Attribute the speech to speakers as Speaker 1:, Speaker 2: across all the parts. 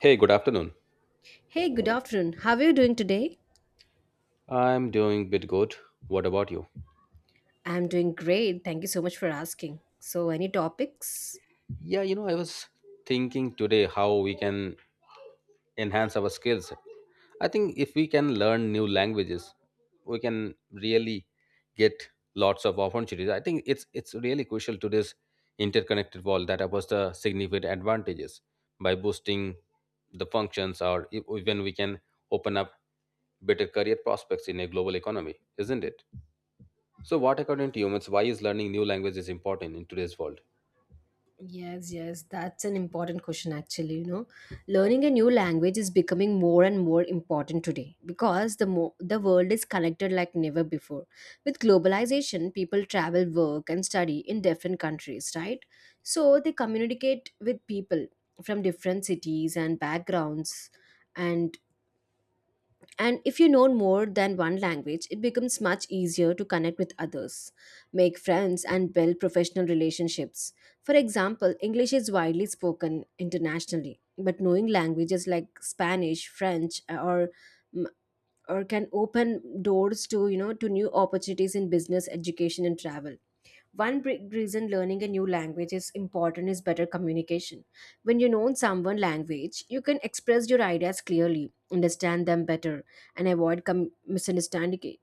Speaker 1: Hey, good afternoon.
Speaker 2: Hey, good afternoon. How are you doing today?
Speaker 1: I'm doing bit good. What about you?
Speaker 2: I'm doing great. Thank you so much for asking. So, any topics?
Speaker 1: I was thinking today how we can enhance our skills. I think if we can learn new languages, we can really get lots of opportunities. I think it's really crucial to this interconnected world that offers the significant advantages by boosting the functions or even we can open up better career prospects in a global economy, isn't it? So, what according to you means why is learning new language is important in today's world?
Speaker 2: Yes, that's an important question actually, you know. Learning a new language is becoming more and more important today because the world is connected like never before. With globalization, people travel, work and study in different countries, right? So, they communicate with people from different cities and backgrounds and And if you know more than one language, it becomes much easier to connect with others, make friends, and build professional relationships. For example, English is widely spoken internationally, but knowing languages like Spanish, French, or can open doors to to new opportunities in business education and travel. One big reason learning a new language is important is better communication. When you know someone language, you can express your ideas clearly, understand them better, and avoid misunderstandings.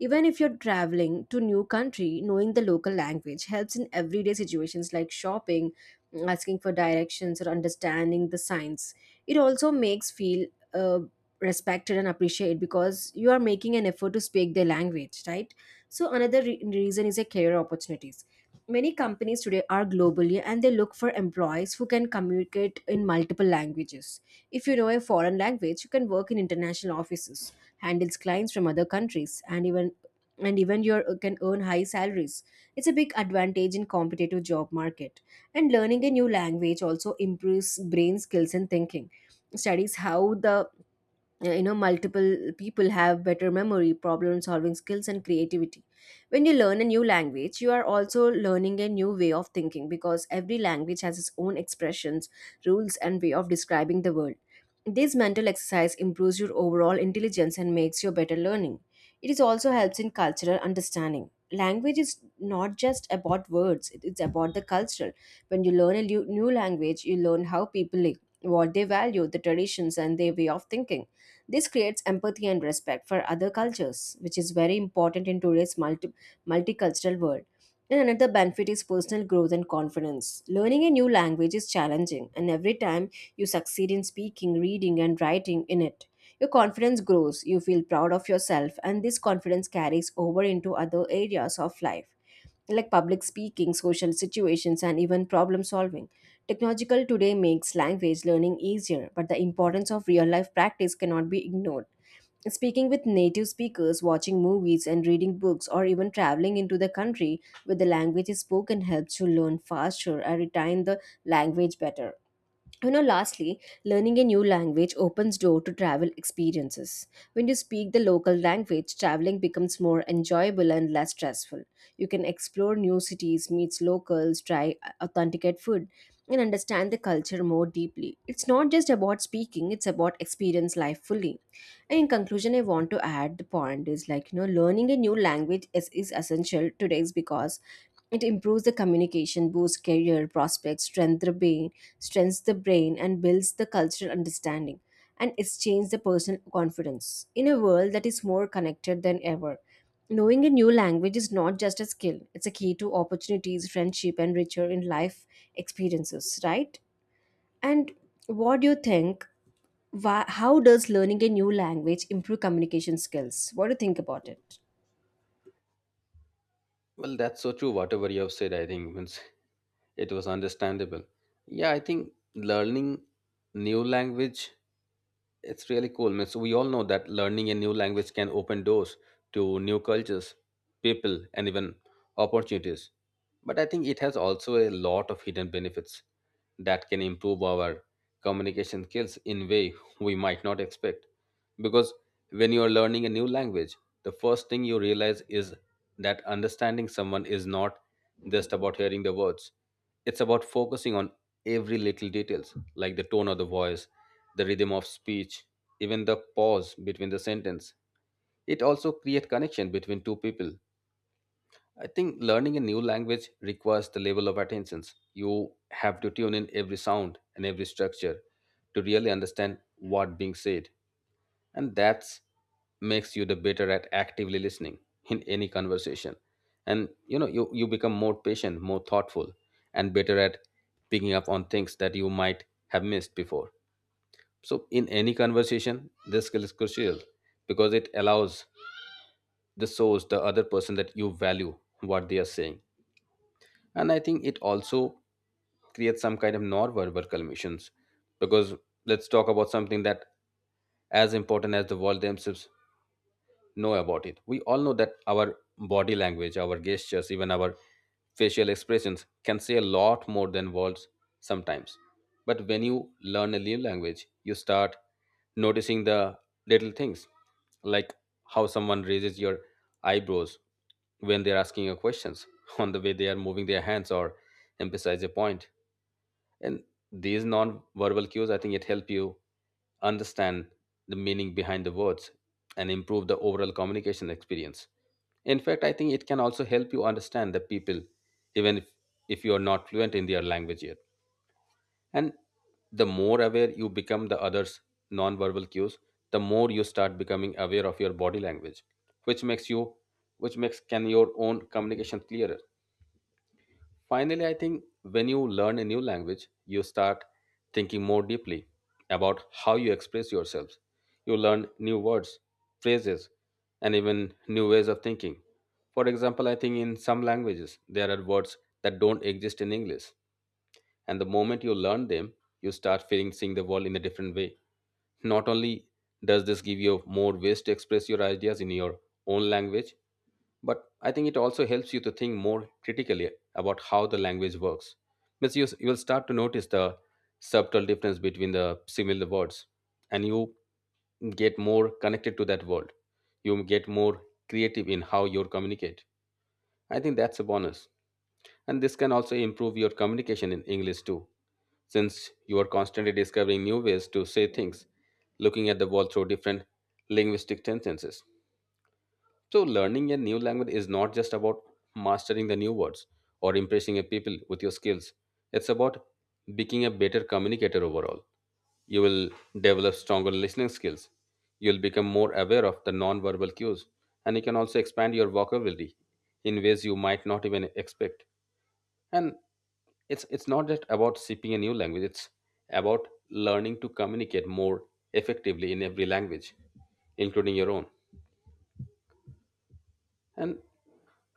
Speaker 2: Even if you're traveling to new country, knowing the local language helps in everyday situations like shopping, asking for directions, or understanding the signs. It also makes feel uh, respected and appreciated because you are making an effort to speak their language, right? So another reason is a career opportunities. Many companies today are globally and they look for employees who can communicate in multiple languages. If you know a foreign language, you can work in international offices, handles clients from other countries, and even you can earn high salaries. It's a big advantage in competitive job market. And learning a new language also improves brain skills and thinking studies how the you know multiple people have better memory problem solving skills and creativity. When you learn a new language, you are also learning a new way of thinking because every language has its own expressions rules and way of describing the world. This mental exercise improves your overall intelligence and makes you better learning. It is also helps in cultural understanding. Language is not just about words, it's about the culture. When you learn a new language, you learn how people live, what they value, the traditions, and their way of thinking. This creates empathy and respect for other cultures, which is very important in today's multicultural world. And another benefit is personal growth and confidence. Learning a new language is challenging, and every time you succeed in speaking, reading, and writing in it. Your confidence grows, you feel proud of yourself, and this confidence carries over into other areas of life like public speaking, social situations, and even problem solving. Technological today makes language learning easier, but the importance of real life practice cannot be ignored. Speaking with native speakers, watching movies, and reading books, or even traveling into the country where the language is spoken helps you learn faster and retain the language better. You know, lastly, learning a new language opens door to travel experiences. When you speak the local language, traveling becomes more enjoyable and less stressful. You can explore new cities, meet locals, try authenticate food, and understand the culture more deeply. It's not just about speaking, it's about experience life fully. And in conclusion, I want to add the point is like, you know, learning a new language is essential today because it improves the communication, boosts career prospects, strengthens the brain, and builds the cultural understanding. And it's changed the personal confidence in a world that is more connected than ever. Knowing a new language is not just a skill; it's a key to opportunities, friendship, and richer in life experiences. Right? And what do you think? Why, how does learning a new language improve communication skills? What do you think about it?
Speaker 1: Well, that's so true. Whatever you have said, I think means it was understandable. Yeah, I think learning new language it's really cool. Means we all know that learning a new language can open doors to new cultures, people, and even opportunities. But I think it has also a lot of hidden benefits that can improve our communication skills in way we might not expect. Because when you are learning a new language, the first thing you realize is that understanding someone is not just about hearing the words. It's about focusing on every little details like the tone of the voice, the rhythm of speech, even the pause between the sentence. It also creates connection between two people. I think learning a new language requires the level of attentions. You have to tune in every sound and every structure to really understand what being said. And that's makes you the better at actively listening in any conversation. And you become more patient, more thoughtful, and better at picking up on things that you might have missed before. So in any conversation, this skill is crucial because it allows the source, the other person that you value what they are saying. And I think it also creates some kind of non-verbal communications because let's talk about something that as important as the world themselves know about it. We all know that our body language, our gestures, even our facial expressions can say a lot more than words sometimes. But when you learn a new language, you start noticing the little things like how someone raises your eyebrows when they're asking you questions, on the way they are moving their hands or emphasize a point. And these non verbal cues, I think it help you understand the meaning behind the words and improve the overall communication experience. In fact, I think it can also help you understand the people, even if you are not fluent in their language yet. And the more aware you become the others' nonverbal cues, the more you start becoming aware of your body language, which makes you, which makes can your own communication clearer. Finally, I think when you learn a new language, you start thinking more deeply about how you express yourself. You learn new words, phrases, and even new ways of thinking. For example, I think in some languages, there are words that don't exist in English. And the moment you learn them, you start feeling seeing the world in a different way. Not only does this give you more ways to express your ideas in your own language, but I think it also helps you to think more critically about how the language works because you will start to notice the subtle difference between the similar words and you get more connected to that world. You get more creative in how you communicate. I think that's a bonus, and this can also improve your communication in English too, since you are constantly discovering new ways to say things, looking at the world through different linguistic tenses. So, learning a new language is not just about mastering the new words or impressing a people with your skills. It's about becoming a better communicator overall. You will develop stronger listening skills. You'll become more aware of the non-verbal cues, and you can also expand your vocabulary in ways you might not even expect. And it's not just about speaking a new language. It's about learning to communicate more effectively in every language, including your own. And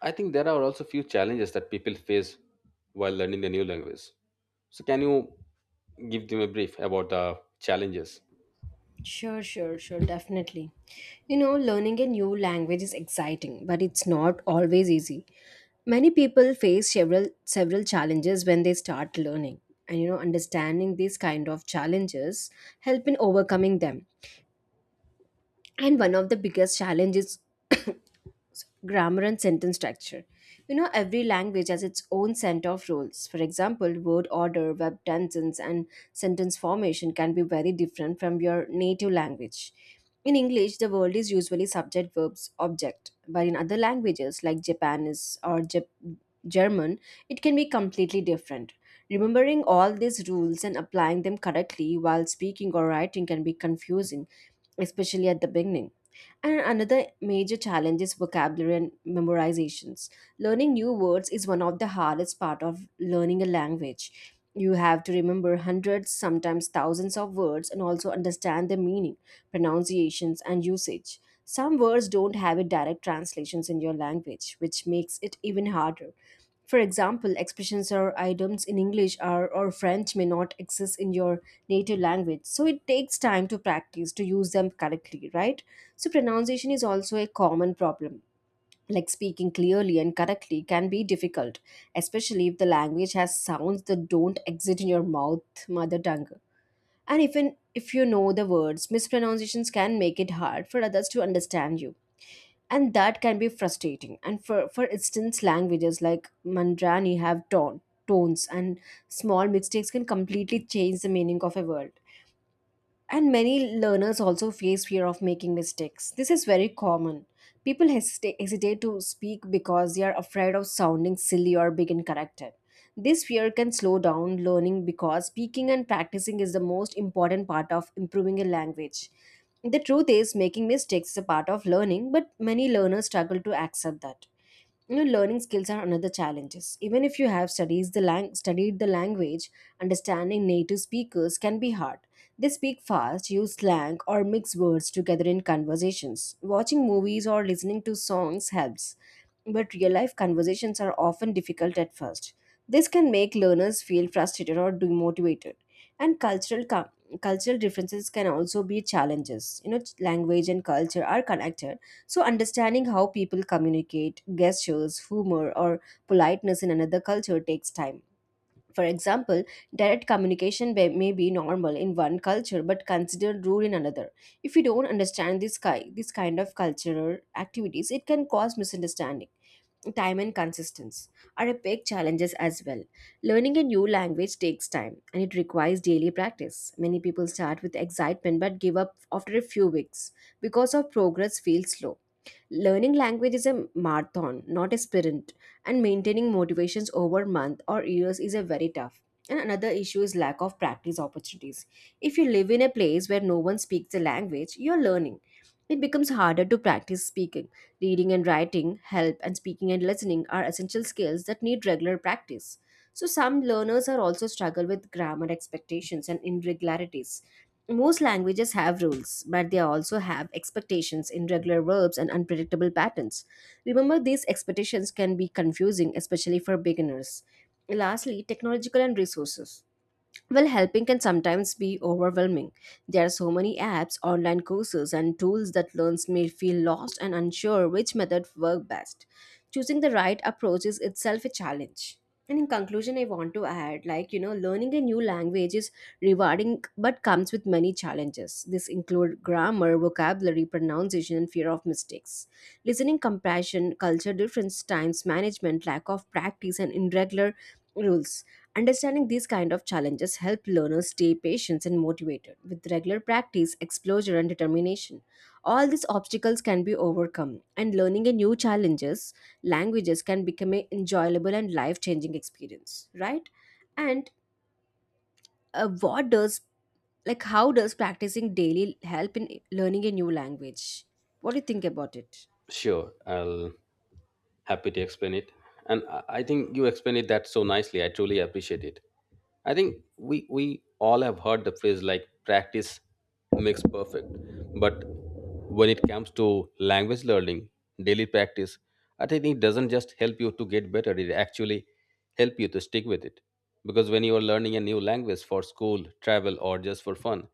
Speaker 1: I think there are also few challenges that people face while learning the new language. So, can you give them a brief about the challenges?
Speaker 2: Sure, definitely. You know, learning a new language is exciting, but it's not always easy. Many people face several challenges when they start learning. And you know, understanding these kind of challenges help in overcoming them. And one of the biggest challenges grammar and sentence structure. You know, every language has its own set of rules. For example, word order, verb tenses, and sentence formation can be very different from your native language. In English, the word is usually subject, verbs, object, but in other languages like Japanese or German, it can be completely different. Remembering all these rules and applying them correctly while speaking or writing can be confusing, especially at the beginning. And another major challenge is vocabulary and memorizations. Learning new words is one of the hardest part of learning a language. You have to remember hundreds, sometimes thousands of words and also understand their meaning, pronunciations and usage. Some words don't have a direct translations in your language, which makes it even harder. For example, expressions or items in English are or French may not exist in your native language, so it takes time to practice to use them correctly, right? So pronunciation is also a common problem, like speaking clearly and correctly can be difficult, especially if the language has sounds that don't exist in your mouth mother tongue. And even if you know the words, mispronunciations can make it hard for others to understand you, and that can be frustrating. And for instance, languages like mandrani have tones, and small mistakes can completely change the meaning of a word. And many learners also face fear of making mistakes. This is very common. People hesitate to speak because they are afraid of sounding silly or being incorrected. This fear can slow down learning because speaking and practicing is the most important part of improving a language. The truth is, making mistakes is a part of learning, but many learners struggle to accept that. You know, learning skills are another challenges. Even if you have studied the language, understanding native speakers can be hard. They speak fast, use slang, or mix words together in conversations. Watching movies or listening to songs helps, but real life conversations are often difficult at first. This can make learners feel frustrated or demotivated. And cultural differences can also be challenges. You know, language and culture are connected, so understanding how people communicate, gestures, humor, or politeness in another culture takes time. For example, direct communication may be normal in one culture but considered rude in another. If you don't understand this, this kind of cultural activities, it can cause misunderstanding. Time and consistency are a big challenges as well. Learning a new language takes time and it requires daily practice. Many people start with excitement but give up after a few weeks because of progress feels slow. Learning language is a marathon, not a sprint, and maintaining motivations over months or years is a very tough. And another issue is lack of practice opportunities. If you live in a place where no one speaks the language, you're learning it becomes harder to practice speaking. Reading and writing help, and speaking and listening are essential skills that need regular practice. So, some learners are also struggle with grammar expectations and irregularities. Most languages have rules, but they also have expectations in regular verbs and unpredictable patterns. Remember, these expectations can be confusing, especially for beginners. Lastly, technological and resources. Well, helping can sometimes be overwhelming. There are so many apps, online courses, and tools that learners may feel lost and unsure which method work best. Choosing the right approach is itself a challenge. And in conclusion, I want to add like, you know, learning a new language is rewarding but comes with many challenges. This include grammar, vocabulary, pronunciation, and fear of mistakes. Listening compassion, culture difference, times management, lack of practice, and irregular rules. Understanding these kind of challenges help learners stay patient and motivated with regular practice, exposure and determination. All these obstacles can be overcome and learning a new challenges languages can become an enjoyable and life-changing experience, right? And what does like how does practicing daily help in learning a new language? What do you think about it?
Speaker 1: Sure, I'll happy to explain it. And I think you explained it that so nicely. I truly appreciate it. I think we all have heard the phrase like practice makes perfect. But when it comes to language learning, daily practice, I think it doesn't just help you to get better, it actually help you to stick with it. Because when you are learning a new language for school, travel or just for fun,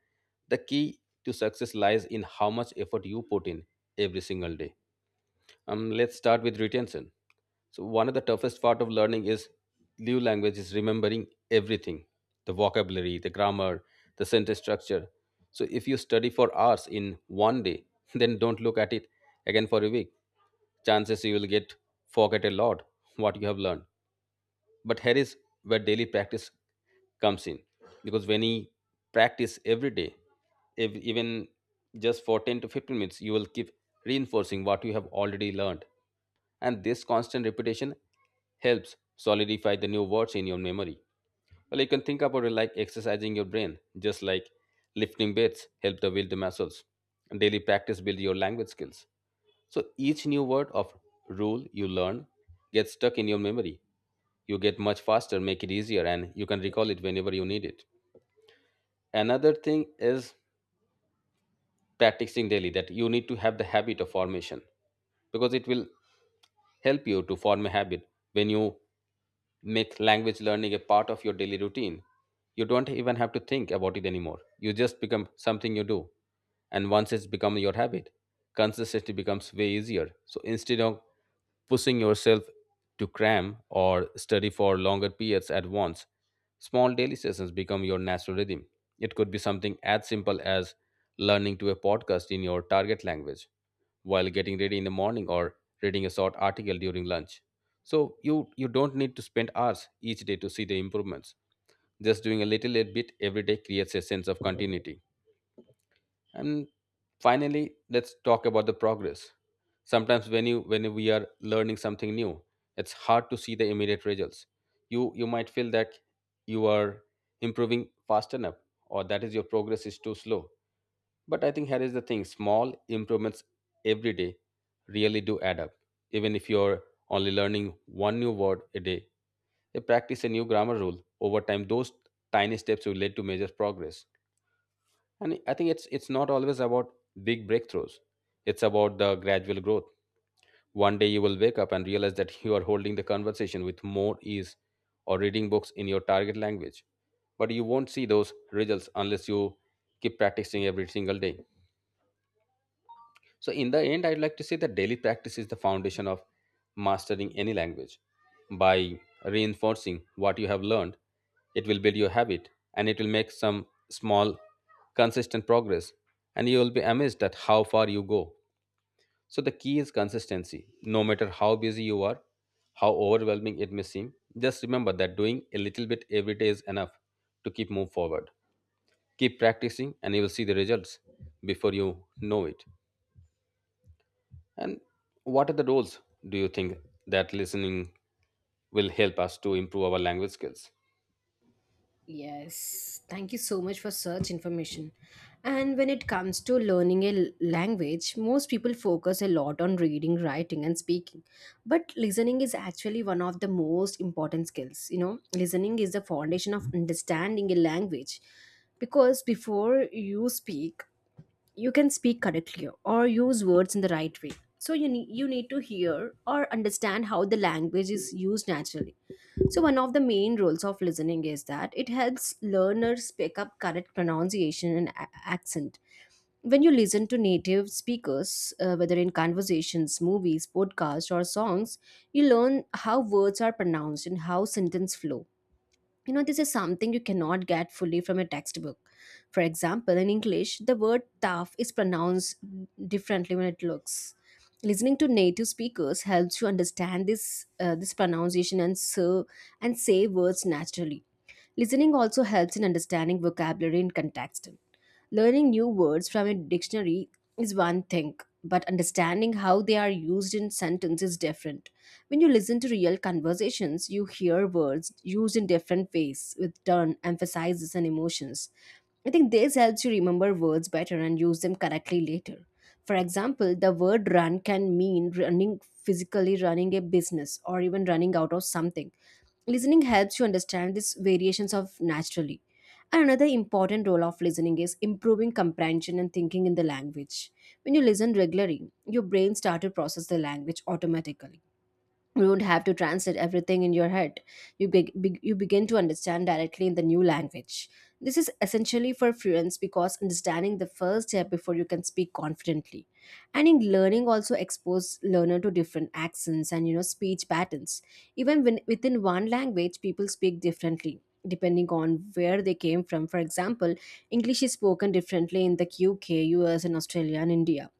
Speaker 1: the key to success lies in how much effort you put in every single day. Let's start with retention. So, one of the toughest part of learning is new language is remembering everything, the vocabulary, the grammar, the sentence structure. So, if you study for hours in one day, then don't look at it again for a week. Chances you will get forget a lot what you have learned. But here is where daily practice comes in, because when you practice every day, if even just for 10 to 15 minutes you will keep reinforcing what you have already learned, and this constant repetition helps solidify the new words in your memory. Well, you can think about it like exercising your brain, just like lifting weights help the build the muscles. And daily practice build your language skills. So each new word of rule you learn gets stuck in your memory. You get much faster, make it easier, and you can recall it whenever you need it. Another thing is practicing daily that you need to have the habit of formation because it will help you to form a habit when you make language learning a part of your daily routine. You don't even have to think about it anymore. You just become something you do. And once it's become your habit, consistency becomes way easier. So instead of pushing yourself to cram or study for longer periods at once, small daily sessions become your natural rhythm. It could be something as simple as learning to a podcast in your target language while getting ready in the morning or reading a short article during lunch. So you don't need to spend hours each day to see the improvements. Just doing a little bit every day creates a sense of continuity. And finally, let's talk about the progress. Sometimes when we are learning something new, it's hard to see the immediate results. You might feel that you are improving fast enough or that is your progress is too slow, but I think here is the thing: small improvements every day really do add up. Even if you're only learning one new word a day, you practice a new grammar rule. Over time, those tiny steps will lead to major progress. And I think it's not always about big breakthroughs. It's about the gradual growth. One day you will wake up and realize that you are holding the conversation with more ease or reading books in your target language. But you won't see those results unless you keep practicing every single day. So, in the end, I'd like to say that daily practice is the foundation of mastering any language. By reinforcing what you have learned, it will build your habit and it will make some small, consistent progress, and you will be amazed at how far you go. So, the key is consistency. No matter how busy you are, how overwhelming it may seem, just remember that doing a little bit every day is enough to keep move forward. Keep practicing, and you will see the results before you know it. And what are the roles do you think that listening will help us to improve our language skills?
Speaker 2: Yes, thank you so much for such information. And when it comes to learning a language, most people focus a lot on reading, writing, and speaking. But listening is actually one of the most important skills. You know, listening is the foundation of understanding a language because before you speak, you can speak correctly or use words in the right way. So you need to hear or understand how the language is used naturally. So one of the main roles of listening is that it helps learners pick up correct pronunciation and accent. When you listen to native speakers, whether in conversations, movies, podcasts, or songs, you learn how words are pronounced and how sentences flow. You know, this is something you cannot get fully from a textbook. For example, in English, the word tough is pronounced differently when it looks. Listening to native speakers helps you understand this pronunciation and say words naturally. Listening also helps in understanding vocabulary in context. Learning new words from a dictionary is one thing, but understanding how they are used in sentence is different. When you listen to real conversations, you hear words used in different ways with turn, emphases, and emotions. I think this helps you remember words better and use them correctly later. For example, the word run can mean running physically, running a business, or even running out of something. Listening helps you understand these variations of naturally. And another important role of listening is improving comprehension and thinking in the language. When you listen regularly, your brain starts to process the language automatically. You don't have to translate everything in your head. You begin to understand directly in the new language. This is essentially for fluence, because understanding the first step before you can speak confidently. And in learning also expose learner to different accents and speech patterns, even when within one language people speak differently depending on where they came from. For example, english is spoken differently in the UK, US and australia and india.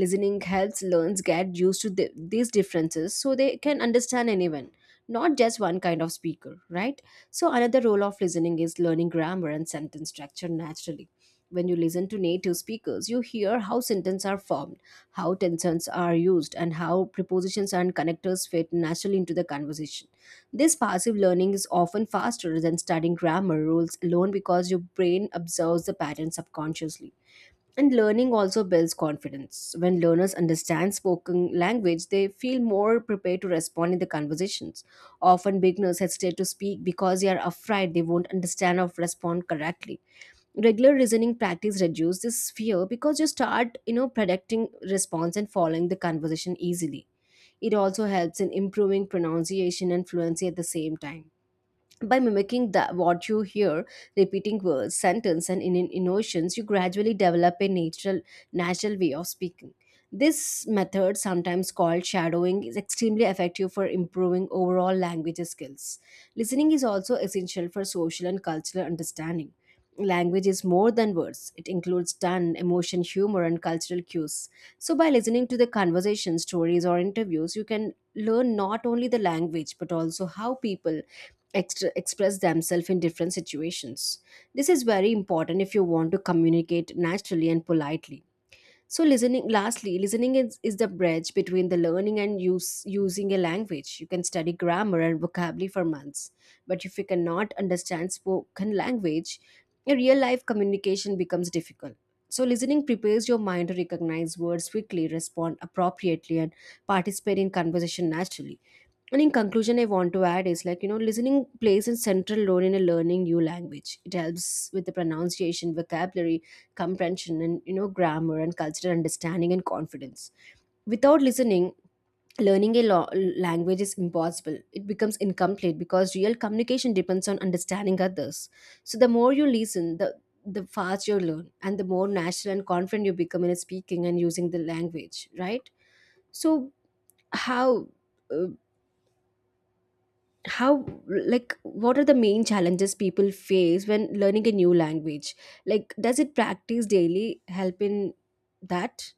Speaker 2: Listening helps learns get used to these differences so they can understand anyone, not just one kind of speaker, right? So, another role of listening is learning grammar and sentence structure naturally. When you listen to native speakers, you hear how sentences are formed, how tenses are used, and how prepositions and connectors fit naturally into the conversation. This passive learning is often faster than studying grammar rules alone because your brain observes the pattern subconsciously. And learning also builds confidence. When learners understand spoken language, they feel more prepared to respond in the conversations. Often beginners hesitate to speak because they are afraid they won't understand or respond correctly. Regular reasoning practice reduces this fear because you start, predicting response and following the conversation easily. It also helps in improving pronunciation and fluency at the same time by mimicking the what you hear, repeating words sentence and in emotions. You gradually develop a natural way of speaking. This method, sometimes called shadowing, is extremely effective for improving overall language skills. Listening is also essential for social and cultural understanding. Language is more than words. It includes tone, emotion, humor and cultural cues. So by listening to the conversation, stories or interviews, you can learn not only the language but also how people express themselves in different situations. This is very important if you want to communicate naturally and politely. So, listening, lastly, listening is the bridge between the learning and using a language. You can study grammar and vocabulary for months, but if you cannot understand spoken language, your real life communication becomes difficult. So, listening prepares your mind to recognize words quickly, respond appropriately, and participate in conversation naturally. And in conclusion, I want to add is like, listening plays a central role in a learning new language. It helps with the pronunciation, vocabulary, comprehension and, grammar and cultural understanding and confidence. Without listening, learning a language is impossible. It becomes incomplete because real communication depends on understanding others. So the more you listen, the faster you learn, and the more natural and confident you become in speaking and using the language, right? So how, uh, how, like, what are the main challenges people face when learning a new language? Like does it practice daily help in that?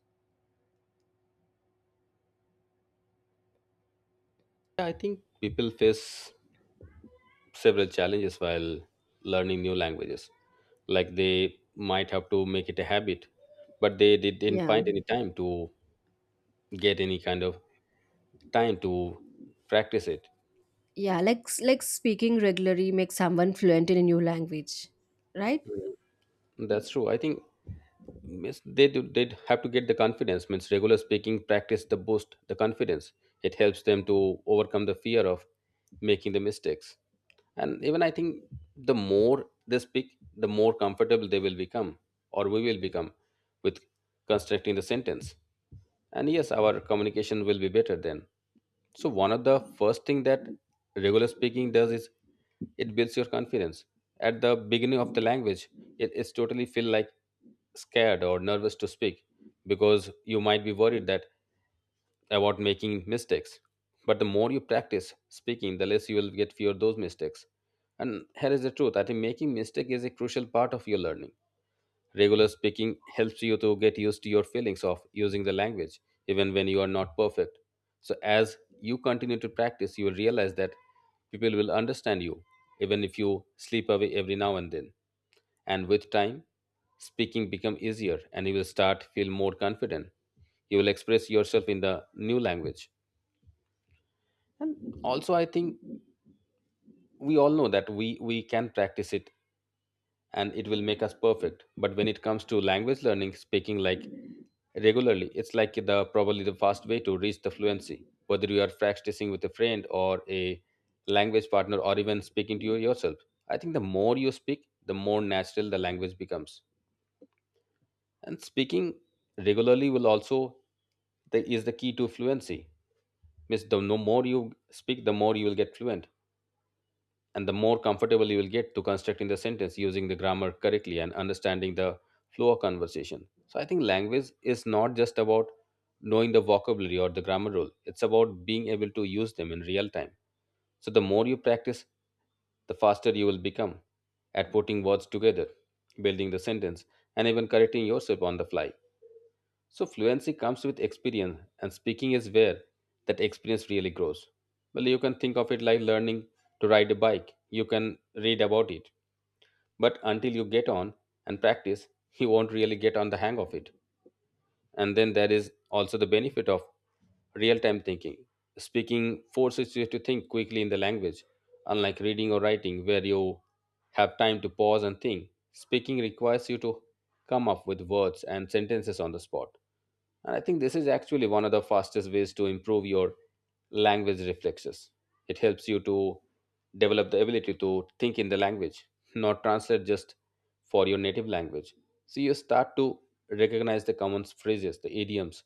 Speaker 1: Yeah, I think people face several challenges while learning new languages. Like they might have to make it a habit, but they didn't
Speaker 2: Yeah,
Speaker 1: find any time to get any kind of time to practice it.
Speaker 2: yeah, like like speaking regularly makes someone fluent in a new language, right?
Speaker 1: That's true. I think means they do, they'd have to get the confidence. Means regular speaking practice the boost the confidence. It helps them to overcome the fear of making the mistakes. And even I think the more they speak, the more comfortable they will become, or we will become, with constructing the sentence. And yes, our communication will be better then. So one of the first thing that regular speaking does is it builds your confidence. At the beginning of the language, it is totally feel like scared or nervous to speak because you might be worried that about making mistakes. But the more you practice speaking, the less you will get fear of those mistakes. And here is the truth. I think making mistake is a crucial part of your learning. Regular speaking helps you to get used to your feelings of using the language, even when you are not perfect. So, as you continue to practice, you will realize that people will understand you, even if you slip away every now and then. And with time, speaking become easier, and you will start feel more confident. You will express yourself in the new language. And also, I think we all know that we can practice it and it will make us perfect, but when it comes to language learning, speaking like regularly, it's like the probably the fast way to reach the fluency, whether you are practicing with a friend or a language partner or even speaking to you yourself. I think the more you speak, the more natural the language becomes. And speaking regularly will also, is the key to fluency, means the no more you speak, the more you will get fluent, and the more comfortable you will get to constructing the sentence using the grammar correctly and understanding the flow of conversation. So I think language is not just about knowing the vocabulary or the grammar rule. It's about being able to use them in real time. So the more you practice, the faster you will become at putting words together, building the sentence, and even correcting yourself on the fly. So fluency comes with experience, and speaking is where that experience really grows. Well, you can think of it like learning to ride a bike. You can read about it, but until you get on and practice, you won't really get on the hang of it. And then there is also the benefit of real time thinking. Speaking forces you to think quickly in the language, unlike reading or writing, where you have time to pause and think. Speaking requires you to come up with words and sentences on the spot. And I think this is actually one of the fastest ways to improve your language reflexes. It helps you to develop the ability to think in the language, not translate just for your native language. So you start to recognize the common phrases, the idioms,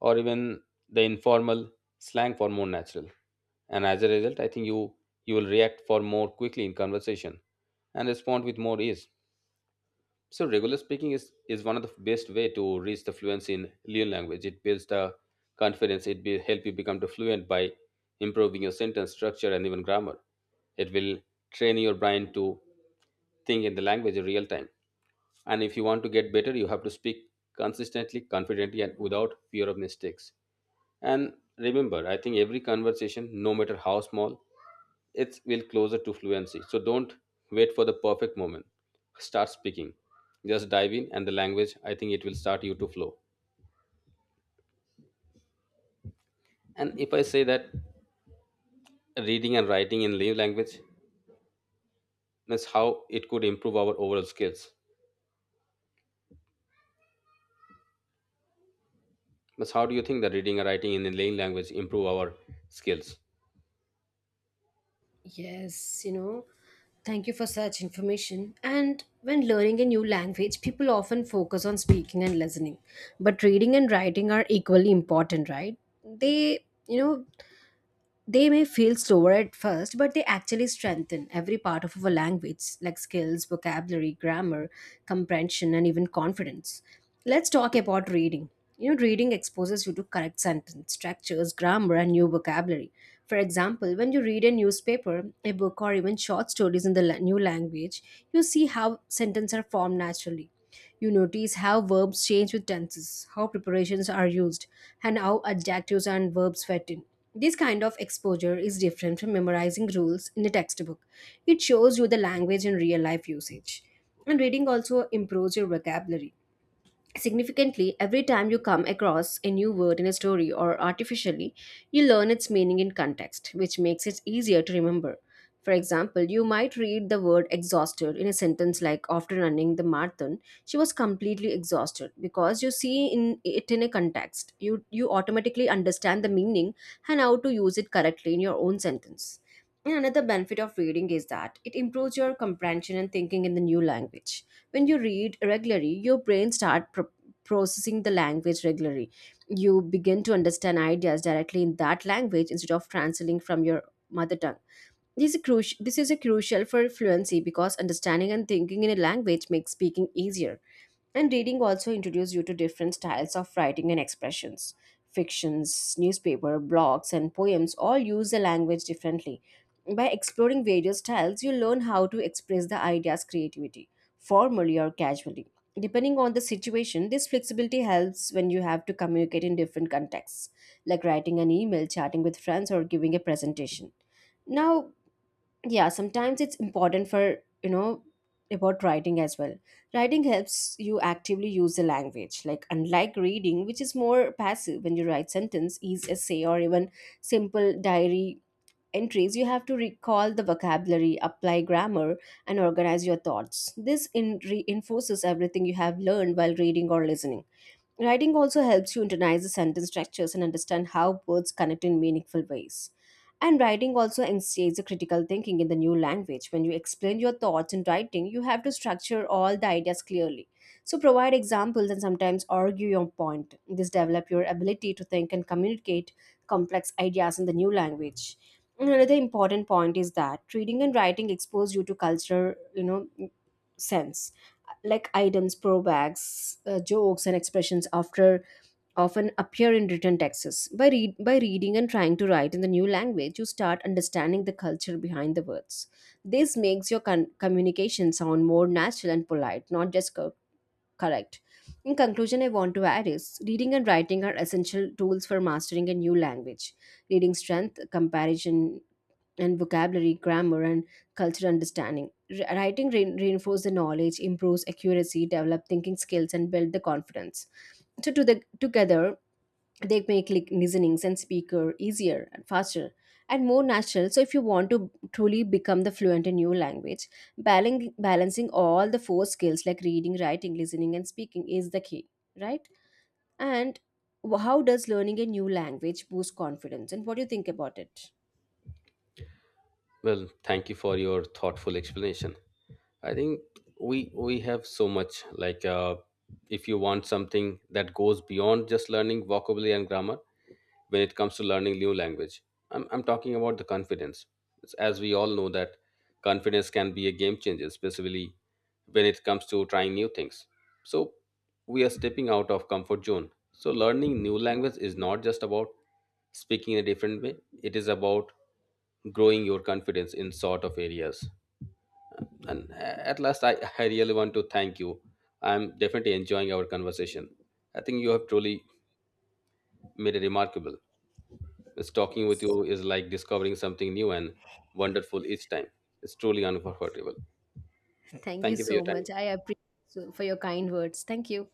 Speaker 1: or even the informal slang for more natural. And as a result, I think you will react for more quickly in conversation and respond with more ease. So regular speaking is one of the best way to reach the fluency in Leon language. It builds the confidence. It will help you become the fluent by improving your sentence structure and even grammar. It will train your brain to think in the language in real time. And if you want to get better, you have to speak consistently, confidently, and without fear of mistakes. And remember, I think every conversation, no matter how small, it's will closer to fluency. So don't wait for the perfect moment. Start speaking. Just dive in, and the language, I think it will start you to flow. And if I say that reading and writing in native language, that's how it could improve our overall skills. That's how, do you think that reading and writing in a native language improve our skills?
Speaker 2: Yes, Thank you for such information. And when learning a new language, people often focus on speaking and listening. But reading and writing are equally important, right? They, they may feel slower at first, but they actually strengthen every part of our language, like skills, vocabulary, grammar, comprehension, and even confidence. Let's talk about reading. You know, reading exposes you to correct sentence structures, grammar, and new vocabulary. For example, when you read a newspaper, a book, or even short stories in the new language, you see how sentences are formed naturally. You notice how verbs change with tenses, how preparations are used, and how adjectives and verbs fit in. This kind of exposure is different from memorizing rules in a textbook. It shows you the language in real life usage. And reading also improves your vocabulary. Significantly, every time you come across a new word in a story or artificially, you learn its meaning in context, which makes it easier to remember. For example, you might read the word exhausted in a sentence like after running the marathon, she was completely exhausted. Because you see in it in a context, you automatically understand the meaning and how to use it correctly in your own sentence. And another benefit of reading is that it improves your comprehension and thinking in the new language. When you read regularly, your brain starts processing the language regularly. You begin to understand ideas directly in that language instead of translating from your mother tongue. This is a crucial for fluency because understanding and thinking in a language makes speaking easier. And reading also introduces you to different styles of writing and expressions. Fictions, newspaper, blogs, and poems all use the language differently. By exploring various styles, you learn how to express the ideas creativity, formally or casually. Depending on the situation, this flexibility helps when you have to communicate in different contexts, like writing an email, chatting with friends, or giving a presentation. Now, yeah, sometimes it's important for, you know about writing as well. Writing helps you actively use the language, like, unlike reading which is more passive. When you write sentence is essay or even simple diary entries, you have to recall the vocabulary, apply grammar, and organize your thoughts. This in reinforces everything you have learned while reading or listening. Writing also helps you internalize the sentence structures and understand how words connect in meaningful ways. And writing also instigates the critical thinking in the new language. When you explain your thoughts in writing, you have to structure all the ideas clearly. So provide examples and sometimes argue your point. This develop your ability to think and communicate complex ideas in the new language. Another important point is that reading and writing expose you to culture, sense, like items pro bags, jokes and expressions after often appear in written texts. By reading and trying to write in the new language, you start understanding the culture behind the words. This makes your communication sound more natural and polite, not just correct. In conclusion, I want to add is reading and writing are essential tools for mastering a new language. Reading strength comparison and vocabulary, grammar, and cultural understanding. Writing reinforces the knowledge, improves accuracy, develop thinking skills, and build the confidence. So, to together, they make like listenings and speaker easier and faster and more natural. So, if you want to truly become the fluent in your language, balancing all the four skills, like reading, writing, listening, and speaking is the key, right? And how does learning a new language boost confidence? And what do you think about it?
Speaker 1: Well, thank you for your thoughtful explanation. I think we have so much like if you want something that goes beyond just learning vocabulary and grammar, when it comes to learning new language. I'm talking about the confidence. It's, as we all know that confidence can be a game changer, especially when it comes to trying new things. So we are stepping out of comfort zone. So learning new language is not just about speaking in a different way. It is about growing your confidence in sort of areas. And at last, I, I really want to thank you. I'm definitely enjoying our conversation. I think you have truly made a remarkable. It's, talking with
Speaker 2: Yes.
Speaker 1: you is like discovering something new and wonderful each time. It's truly unforgettable.
Speaker 2: Thank you
Speaker 1: Thank you for your
Speaker 2: so
Speaker 1: time.
Speaker 2: much. I appreciate for your kind words. Thank you.